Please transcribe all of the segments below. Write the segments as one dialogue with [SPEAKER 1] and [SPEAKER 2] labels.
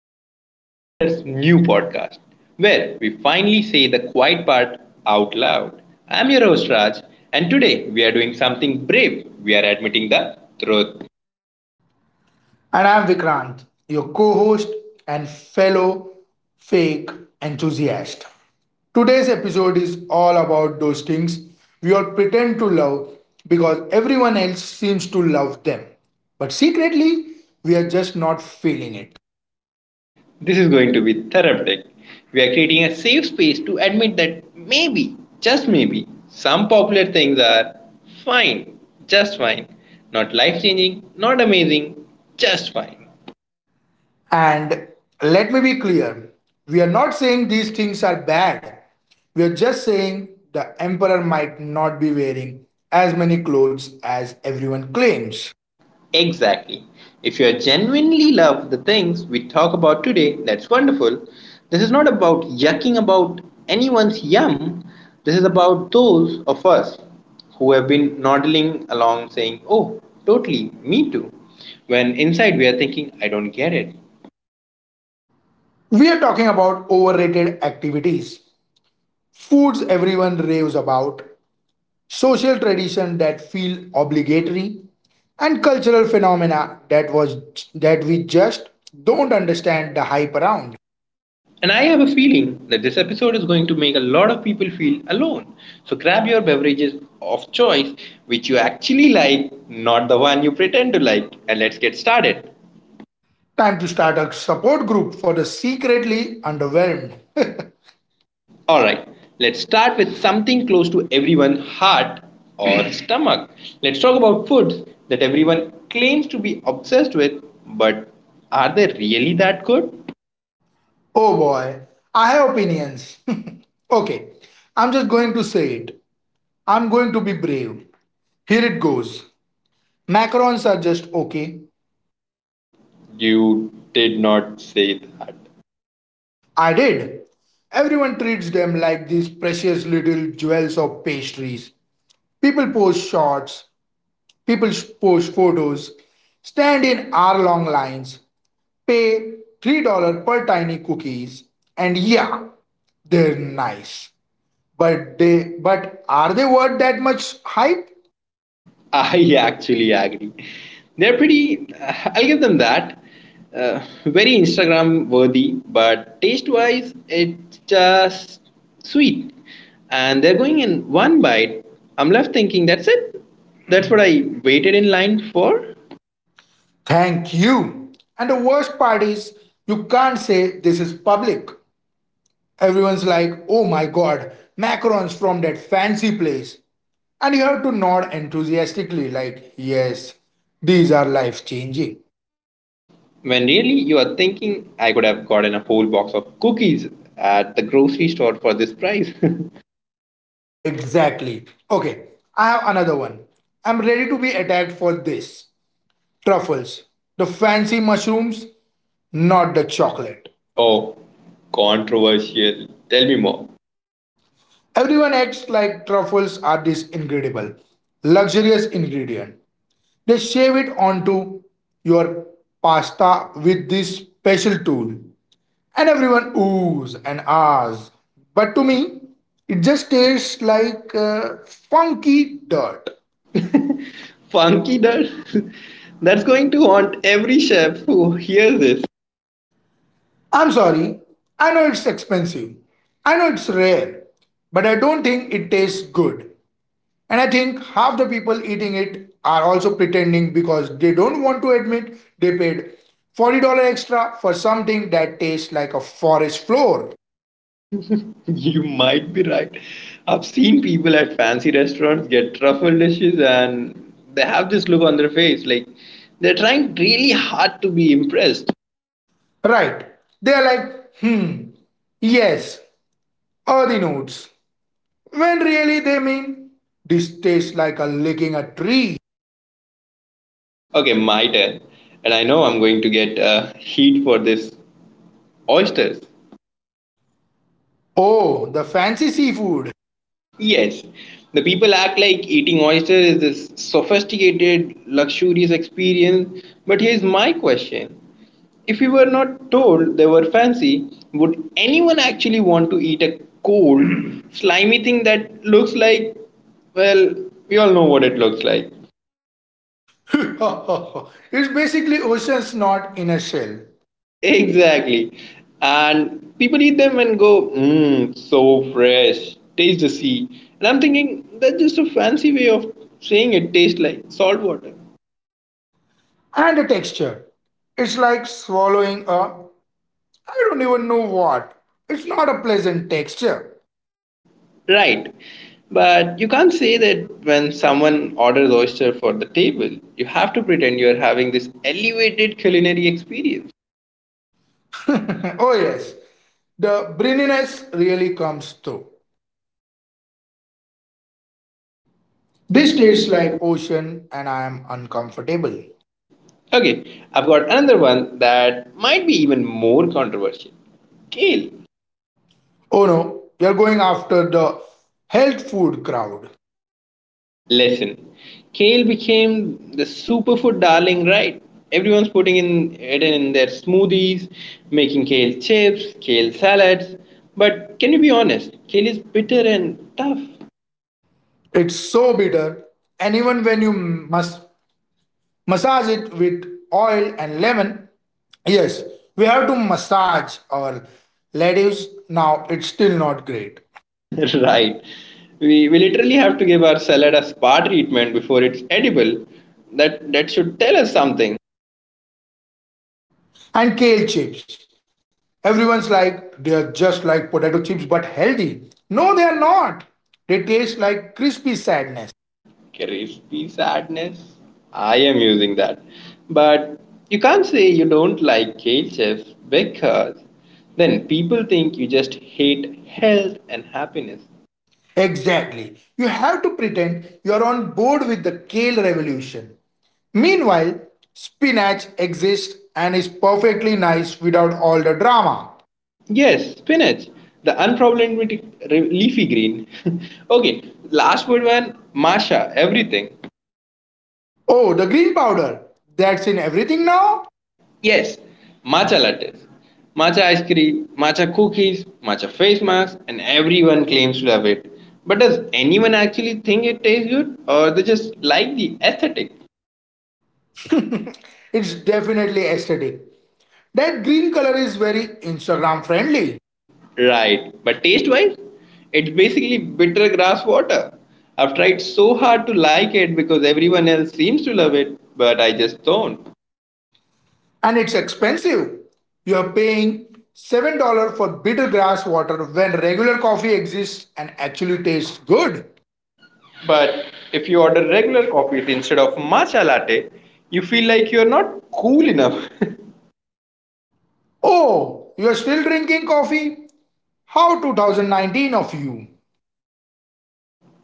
[SPEAKER 1] Welcome to the Emperor's new podcast, where we finally say the quiet part out loud. I'm your host, Raj, and today we are doing something brave. We are admitting the truth.
[SPEAKER 2] And I'm Vikrant, your co host and fellow fake enthusiast. Today's episode is all about those things we all pretend to love because everyone else seems to love them. But secretly, we are just not feeling it.
[SPEAKER 1] This is going to be therapeutic. We are creating a safe space to admit that maybe, just maybe, some popular things are fine, just fine. Not life changing, not amazing, just fine.
[SPEAKER 2] And let me be clear, we are not saying these things are bad, we are just saying the emperor might not be wearing as many clothes as everyone claims.
[SPEAKER 1] Exactly. If you are genuinely love the things we talk about today, that's wonderful. This is not about yucking about anyone's yum. This is about those of us who have been nodding along saying, "Oh, totally, me too." When inside we are thinking, "I don't get it."
[SPEAKER 2] We are talking about overrated activities, foods everyone raves about, social traditions that feel obligatory, and cultural phenomena that we just don't understand the hype around.
[SPEAKER 1] And I have a feeling that this episode is going to make a lot of people feel alone. So grab your beverages of choice, which you actually like, not the one you pretend to like, and let's get started.
[SPEAKER 2] Time to start a support group for the secretly underwhelmed.
[SPEAKER 1] Alright, let's start with something close to everyone's heart or stomach. Let's talk about foods that everyone claims to be obsessed with, but are they really that good?
[SPEAKER 2] Oh boy, I have opinions. Okay, I'm just going to say it. I'm going to be brave. Here it goes. Macarons are just okay.
[SPEAKER 1] You did not say that.
[SPEAKER 2] I did. Everyone treats them like these precious little jewels of pastries. People post shots, post photos, stand in hour long lines, pay $3 per tiny cookies, and yeah, they're nice. But they but are they worth that much hype?
[SPEAKER 1] I actually agree. They're pretty, I'll give them that. Very Instagram worthy, but taste wise, it's just sweet. And they're going in one bite. I'm left thinking, that's it? That's what I waited in line for?
[SPEAKER 2] Thank you. And the worst part is you can't say this is public. Everyone's like, oh my god, macarons from that fancy place. And you have to nod enthusiastically, like, yes, these are life changing.
[SPEAKER 1] When really you are thinking, I could have gotten a whole box of cookies at the grocery store for this price.
[SPEAKER 2] Exactly. Okay, I have another one. I'm ready to be attacked for this. Truffles. The fancy mushrooms, not the chocolate.
[SPEAKER 1] Oh, controversial. Tell me more.
[SPEAKER 2] Everyone acts like truffles are this incredible, luxurious ingredient. They shave it onto your pasta with this special tool. And everyone oohs and ahs. But to me, it just tastes like funky dirt.
[SPEAKER 1] Funky dirt? That's going to haunt every chef who hears this.
[SPEAKER 2] I'm sorry, I know it's expensive. I know it's rare. But I don't think it tastes good. And I think half the people eating it are also pretending because they don't want to admit they paid $40 extra for something that tastes like a forest floor.
[SPEAKER 1] You might be right. I've seen people at fancy restaurants get truffle dishes and they have this look on their face like they're trying really hard to be impressed.
[SPEAKER 2] Right. They are like, hmm, yes, earthy notes, when really they mean this tastes like a licking a tree.
[SPEAKER 1] Okay, my turn. And I know I'm going to get heat for this. Oysters.
[SPEAKER 2] Oh, the fancy seafood.
[SPEAKER 1] Yes, the people act like eating oysters is this sophisticated, luxurious experience. But here's my question: if we were not told they were fancy, would anyone actually want to eat a cold, slimy thing that looks like, well, we all know what it looks like.
[SPEAKER 2] It's basically ocean snot in a shell
[SPEAKER 1] Exactly. And people eat them and go, mmm, so fresh, taste the sea. And I'm thinking, that's just a fancy way of saying it tastes like salt water.
[SPEAKER 2] and a texture. It's like swallowing a I don't even know what. It's not a pleasant texture.
[SPEAKER 1] Right. But you can't say that when someone orders oyster for the table, you have to pretend you're having this elevated culinary experience.
[SPEAKER 2] Oh yes, the brininess really comes through. This
[SPEAKER 1] This
[SPEAKER 2] tastes
[SPEAKER 1] tastes like.
[SPEAKER 2] like ocean and I am uncomfortable.
[SPEAKER 1] Okay, I've got another one that might be even more controversial. Kale.
[SPEAKER 2] Oh no, you're going after the health food crowd.
[SPEAKER 1] Listen, kale became the superfood darling, right? Everyone's putting in it in their smoothies, making kale chips, kale salads. But can you be honest? Kale is bitter and tough.
[SPEAKER 2] It's so bitter, and even when you massage it with oil and lemon, yes, we have to massage our lettuce. Now it's still not great.
[SPEAKER 1] Right. We literally have to give our salad a spa treatment before it's edible. That should tell us something.
[SPEAKER 2] And kale chips. Everyone's like, they are just like potato chips but healthy. No, they are not. They taste like crispy sadness.
[SPEAKER 1] Crispy sadness. I am using that. But you can't say you don't like ketchup because then people think you just hate health and happiness.
[SPEAKER 2] Exactly. You have to pretend you're on board with the kale revolution. Meanwhile, spinach exists and is perfectly nice without all the drama.
[SPEAKER 1] Yes, spinach. The unproblematic leafy green. Okay, last word one, Masha, everything.
[SPEAKER 2] Oh, the green powder. That's in everything now?
[SPEAKER 1] Yes, matcha lattes, matcha ice cream, matcha cookies, matcha face masks, and everyone claims to love it. But does anyone actually think it tastes good or they just like the aesthetic?
[SPEAKER 2] It's definitely aesthetic. That green color is very Instagram friendly,
[SPEAKER 1] Right, but taste wise, it's basically bitter grass water. I've tried so hard to like it because everyone else seems to love it, but I just don't.
[SPEAKER 2] and it's expensive. You're paying $7 for bitter grass water when regular coffee exists and actually tastes good.
[SPEAKER 1] But if you order regular coffee instead of matcha latte, you feel like you're not cool enough.
[SPEAKER 2] Oh, you're still drinking coffee? How 2019 of you?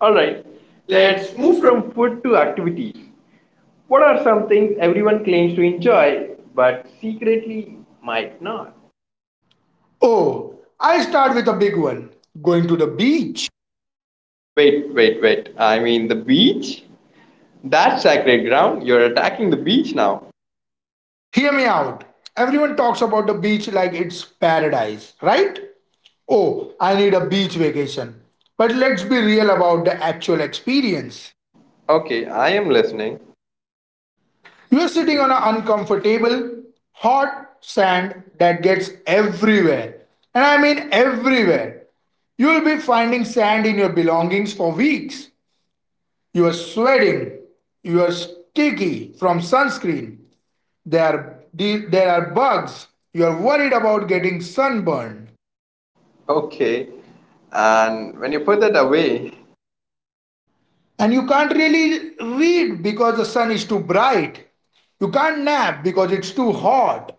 [SPEAKER 1] All right,
[SPEAKER 2] Alright,
[SPEAKER 1] let's
[SPEAKER 2] let's move
[SPEAKER 1] move
[SPEAKER 2] from
[SPEAKER 1] from food to activities. What are some things everyone claims to enjoy but secretly might not?
[SPEAKER 2] oh, I'll start with a big one, going to the beach.
[SPEAKER 1] Wait, wait, wait. I mean the beach? That's sacred ground. You're attacking the beach now.
[SPEAKER 2] Hear me out. Everyone talks about the beach like it's paradise, right? Oh, I need a beach vacation. But let's be real about the actual experience.
[SPEAKER 1] Okay, I am listening.
[SPEAKER 2] You're sitting on an uncomfortable, hot sand that gets everywhere. And I mean everywhere. You'll be finding sand in your belongings for weeks. You are sweating. You are sticky from sunscreen. There are, there are bugs. You are worried about getting sunburned.
[SPEAKER 1] Okay. And when you put that away,
[SPEAKER 2] And you can't really read because the sun is too bright. You can't nap because it's too hot.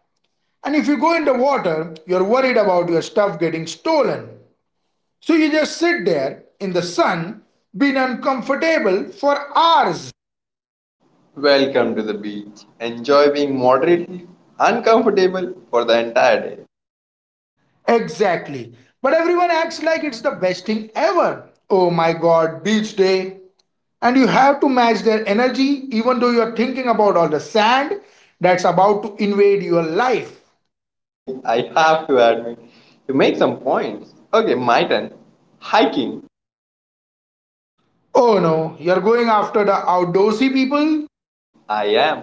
[SPEAKER 2] And if you go in the water, you're worried about your stuff getting stolen. So you just sit there in the sun, being uncomfortable for hours.
[SPEAKER 1] welcome to the beach. Enjoy being moderately uncomfortable for the entire day.
[SPEAKER 2] Exactly. But everyone acts like it's the best thing ever. Oh my god, beach day. And you have to match their energy even though you're thinking about all the sand that's about to invade your life.
[SPEAKER 1] I have to admit, you make some points. Okay, my turn. Hiking.
[SPEAKER 2] Oh no, you're going after the outdoorsy people?
[SPEAKER 1] I am.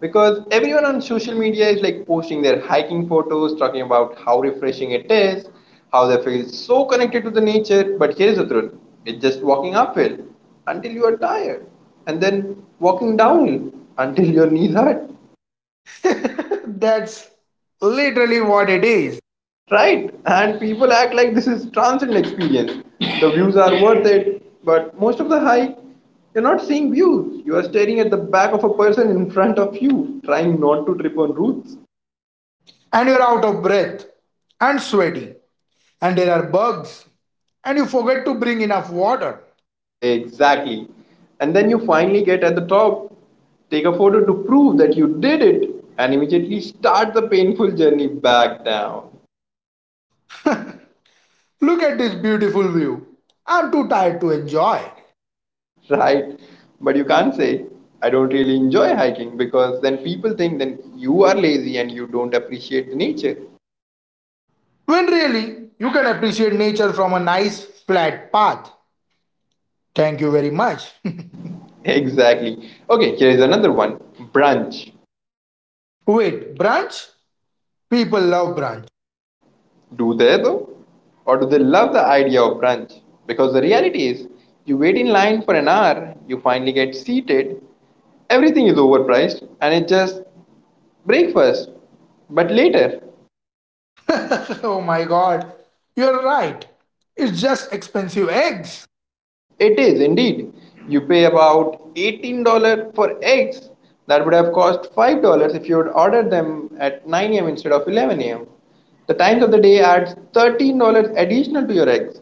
[SPEAKER 1] Because everyone on social media is like posting their hiking photos, talking about how refreshing it is, how they feel so connected to the nature. But here's the truth: it's just walking uphill until you are tired, and then walking downhill until your knees hurt.
[SPEAKER 2] That's literally what it is.
[SPEAKER 1] Right, and people act like this is transient experience. The views are worth it, but most of the hike, you're not seeing views. You are staring at the back of a person in front of you, trying not to trip on roots.
[SPEAKER 2] And you're out of breath and sweaty, and there are bugs, and you forget to bring enough water.
[SPEAKER 1] Exactly. And then you finally get at the top, take a photo to prove that you did it, and immediately start the painful journey back down.
[SPEAKER 2] Look at this beautiful view. I'm too tired to enjoy.
[SPEAKER 1] Right, but you can't say, "I don't really enjoy hiking," because then people think then you are lazy and you don't appreciate the nature.
[SPEAKER 2] When really, you can appreciate nature from a nice flat path. Thank you very much.
[SPEAKER 1] Exactly. Okay, here is another one. Brunch.
[SPEAKER 2] Wait, brunch? People love brunch.
[SPEAKER 1] Do they though? Or do they love the idea of brunch? Because the reality is, you wait in line for an hour, you finally get seated, everything is overpriced, and it's just breakfast. But later,
[SPEAKER 2] Oh my god, you're right. It's just expensive eggs.
[SPEAKER 1] it is indeed. You pay about $18 for eggs that would have cost $5 if you had ordered them at 9 a.m. instead of 11 a.m. The times of the day adds $13 additional to your eggs.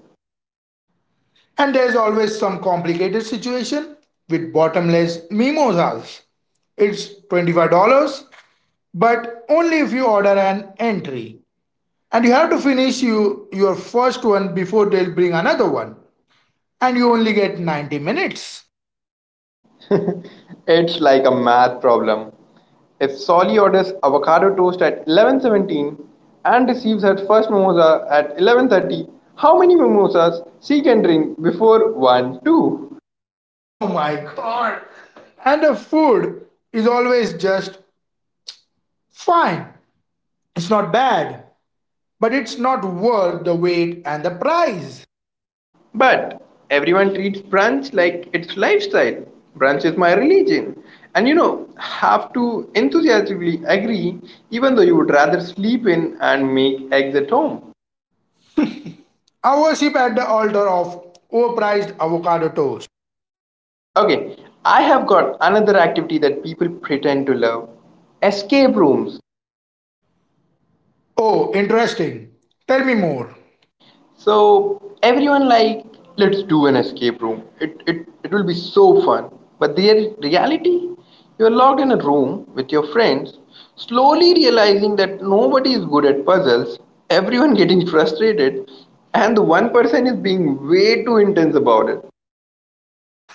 [SPEAKER 2] And there's always some complicated situation with bottomless mimosas. It's $25, but only if you order an entry. And you have to your first one before they'll bring another one. And you only get 90 minutes.
[SPEAKER 1] It's like a math problem. If Solly orders avocado toast at 11:17 and receives her first mimosa at 11:30, how many mimosas she can drink before 1 2?
[SPEAKER 2] Oh my god. And the food is always just fine. It's not bad, but it's not worth the wait and the price.
[SPEAKER 1] But everyone treats brunch like it's lifestyle. Brunch is my religion. And you know, have to enthusiastically agree even though you would rather sleep in and make eggs at home.
[SPEAKER 2] I worship at the altar of overpriced avocado toast.
[SPEAKER 1] Okay, I have got another activity that people pretend to love: escape rooms.
[SPEAKER 2] Oh, interesting. Tell me more.
[SPEAKER 1] So, everyone like, let's do an escape room. It will be so fun. But the reality, you are locked in a room with your friends, slowly realizing that nobody is good at puzzles, everyone getting frustrated, and the one person is being way too intense about it.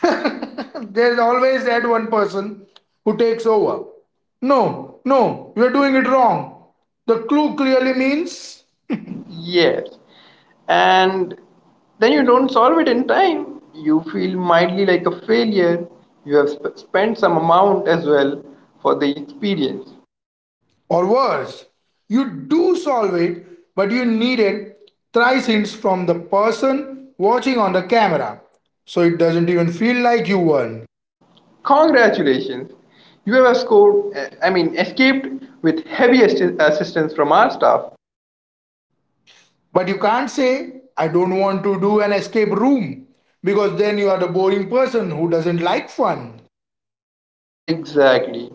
[SPEAKER 2] There's always that one person who takes over. No, no, you're doing it wrong. The clue clearly means,
[SPEAKER 1] Yes. And then you don't solve it in time. You feel mildly like a failure. You have spent some amount as well for the experience.
[SPEAKER 2] or worse, you do solve it, but you needed thrice hints from the person watching on the camera. So it doesn't even feel like you won.
[SPEAKER 1] Congratulations. You have scored, I mean, escaped with heavy assistance from our staff.
[SPEAKER 2] But you can't say, I don't want to do an escape room, because then you are the boring person who doesn't like fun.
[SPEAKER 1] Exactly.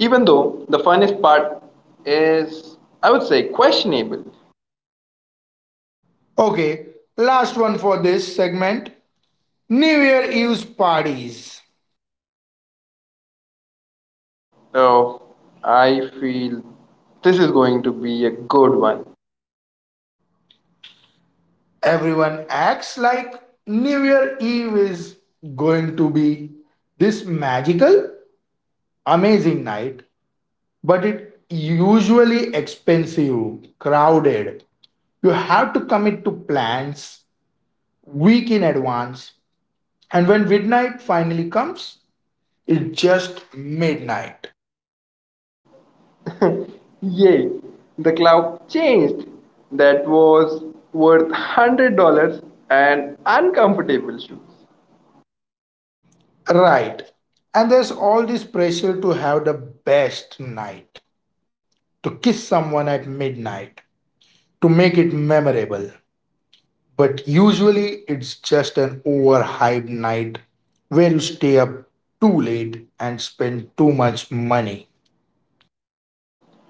[SPEAKER 1] Even though the funnest part is, I would say, questionable.
[SPEAKER 2] Okay, last one for this segment, New Year Eve's parties.
[SPEAKER 1] Oh, I feel this is going to be a good one.
[SPEAKER 2] Everyone acts like New Year Eve is going to be this magical, amazing night, but it usually expensive, crowded. You have to commit to plans week in advance, and when midnight finally comes, it's just midnight.
[SPEAKER 1] Yay, the clock changed. That was worth $100 and uncomfortable shoes.
[SPEAKER 2] Right. And there's all this pressure to have the best night, to kiss someone at midnight, to make it memorable. But usually it's just an overhyped night where you stay up too late and spend too much money.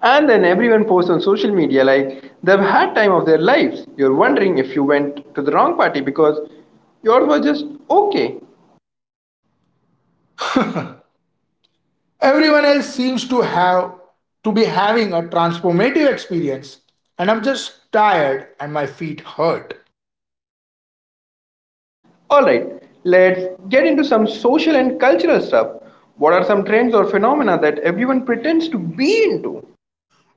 [SPEAKER 1] And then everyone posts on social media like they've had time of their lives. You're wondering if you went to the wrong party because yours was just okay.
[SPEAKER 2] Everyone else seems to be having a transformative experience and I'm just tired and my feet hurt.
[SPEAKER 1] Alright, let's get into some social and cultural stuff. What are some trends or phenomena that everyone pretends to be into?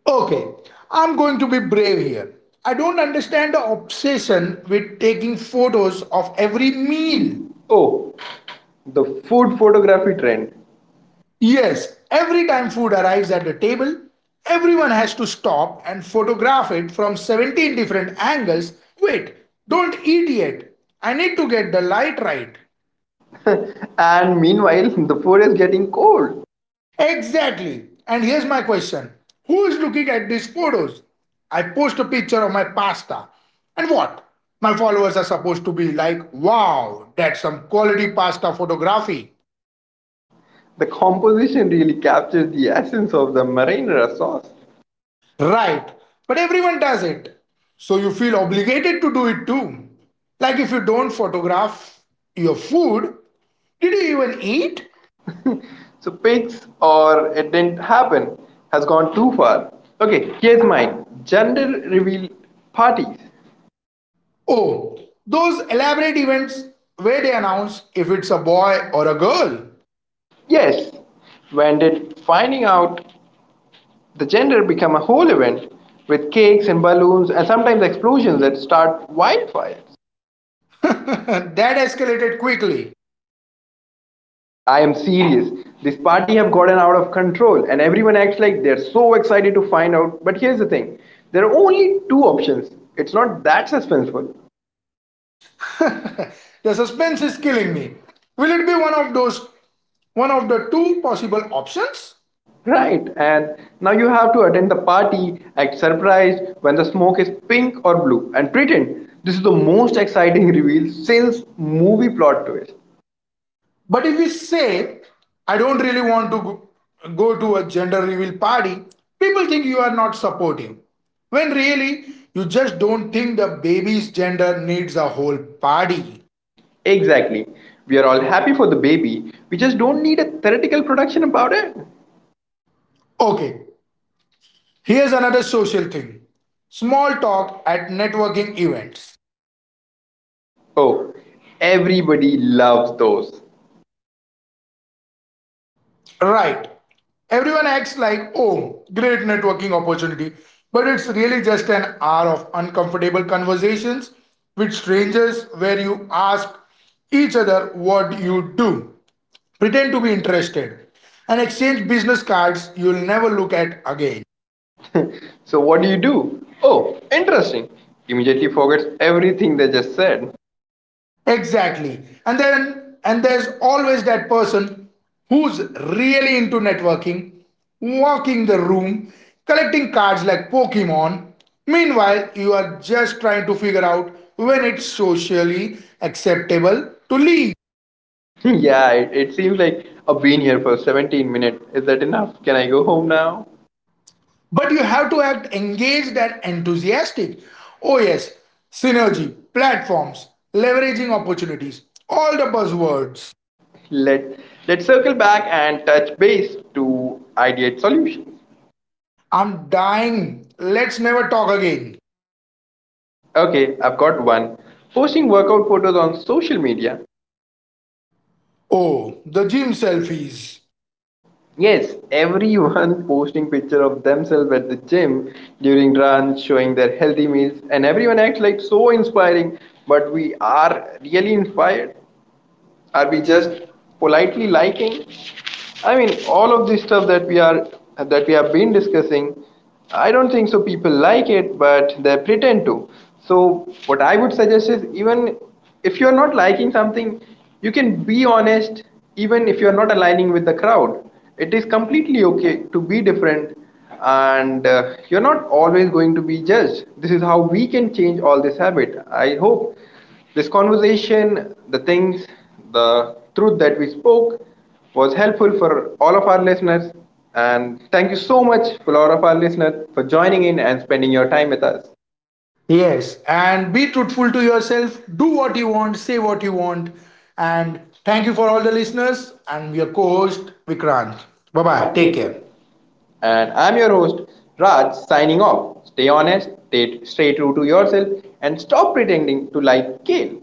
[SPEAKER 2] Okay, I'm going to be brave here. I don't understand the obsession with taking photos of every meal.
[SPEAKER 1] Mean. Oh, the food photography trend.
[SPEAKER 2] Yes, every time food arrives at the table, everyone has to stop and photograph it from 17 different angles. Wait, don't eat yet. I need to get the light right.
[SPEAKER 1] And meanwhile, the food is getting cold.
[SPEAKER 2] Exactly. And here's my question, who is looking at these photos? I post a picture of my pasta. And what? My followers are supposed to be like, wow, that's some quality pasta photography.
[SPEAKER 1] The composition really captures the essence of the marinara sauce.
[SPEAKER 2] Right. But everyone does it. So you feel obligated to do it too. Like if you don't photograph your food, did you even eat?
[SPEAKER 1] So pigs or it didn't happen has gone too far. Okay, here's mine. Gender reveal parties.
[SPEAKER 2] Oh, those elaborate events where they announce if it's a boy or a girl.
[SPEAKER 1] Yes. When did finding out the gender become a whole event with cakes and balloons and sometimes explosions that start wildfire?
[SPEAKER 2] That escalated quickly.
[SPEAKER 1] I am serious. This party have gotten out of control and everyone acts like they're so excited to find out. But here's the thing. There are only two options. It's not that suspenseful.
[SPEAKER 2] The suspense is killing me. Will it be one of the two possible options?
[SPEAKER 1] Right. And now you have to attend the party, act surprised when the smoke is pink or blue and pretend this is the most exciting reveal since movie plot twist.
[SPEAKER 2] But if we say, I don't really want to go to a gender reveal party, people think you are not supportive. When really, you just don't think the baby's gender needs a whole party.
[SPEAKER 1] Exactly. We are all happy for the baby. We just don't need a theoretical production about it.
[SPEAKER 2] Okay, here's another social thing, small talk at networking events.
[SPEAKER 1] Oh, everybody loves those.
[SPEAKER 2] Right. Everyone acts like, oh, great networking opportunity. But it's really just an hour of uncomfortable conversations with strangers where you ask each other what you do, pretend to be interested, and exchange business cards you'll never look at again.
[SPEAKER 1] So what do you do? Oh, interesting. Immediately forgets everything they just said.
[SPEAKER 2] Exactly. And there's always that person who's really into networking, walking the room, collecting cards like Pokemon. Meanwhile, you are just trying to figure out when it's socially acceptable to leave.
[SPEAKER 1] Yeah, it seems like I've been here for 17 minutes. Is that enough? Can I go home now?
[SPEAKER 2] But you have to act engaged and enthusiastic. Oh yes, synergy, platforms, leveraging opportunities, all the buzzwords.
[SPEAKER 1] Let Let's circle back and touch base to ideate solutions.
[SPEAKER 2] I'm dying. Let's never talk again.
[SPEAKER 1] Okay, I've got one. Posting workout photos on social media.
[SPEAKER 2] Oh, the gym selfies.
[SPEAKER 1] Yes, everyone posting picture of themselves at the gym during runs, showing their healthy meals, and everyone acts like so inspiring. But we are really inspired. Are
[SPEAKER 2] Are
[SPEAKER 1] we
[SPEAKER 2] we
[SPEAKER 1] just
[SPEAKER 2] just
[SPEAKER 1] politely liking? I mean, all of this stuff that we have been discussing, I don't think so. People like it, but they pretend to. So, what I would suggest is, even if you are not liking something, you can be honest. Even if you are not aligning with the crowd, it is completely okay to be different, and you're not always going to be judged. This is how we can change all this habit. I hope this conversation, the things, the truth that we spoke was helpful for all of our listeners. And thank you so much for all of our listeners for joining in and spending your time with us.
[SPEAKER 2] yes, and be truthful to yourself. Do what you want, say what you want. And thank you for all the listeners and your co host, Vikrant. Bye
[SPEAKER 1] Bye
[SPEAKER 2] bye.
[SPEAKER 1] bye.
[SPEAKER 2] Take
[SPEAKER 1] Take
[SPEAKER 2] care.
[SPEAKER 1] care. And I'm your host, Raj, signing off. Stay honest, stay true to yourself, and stop pretending to like kale.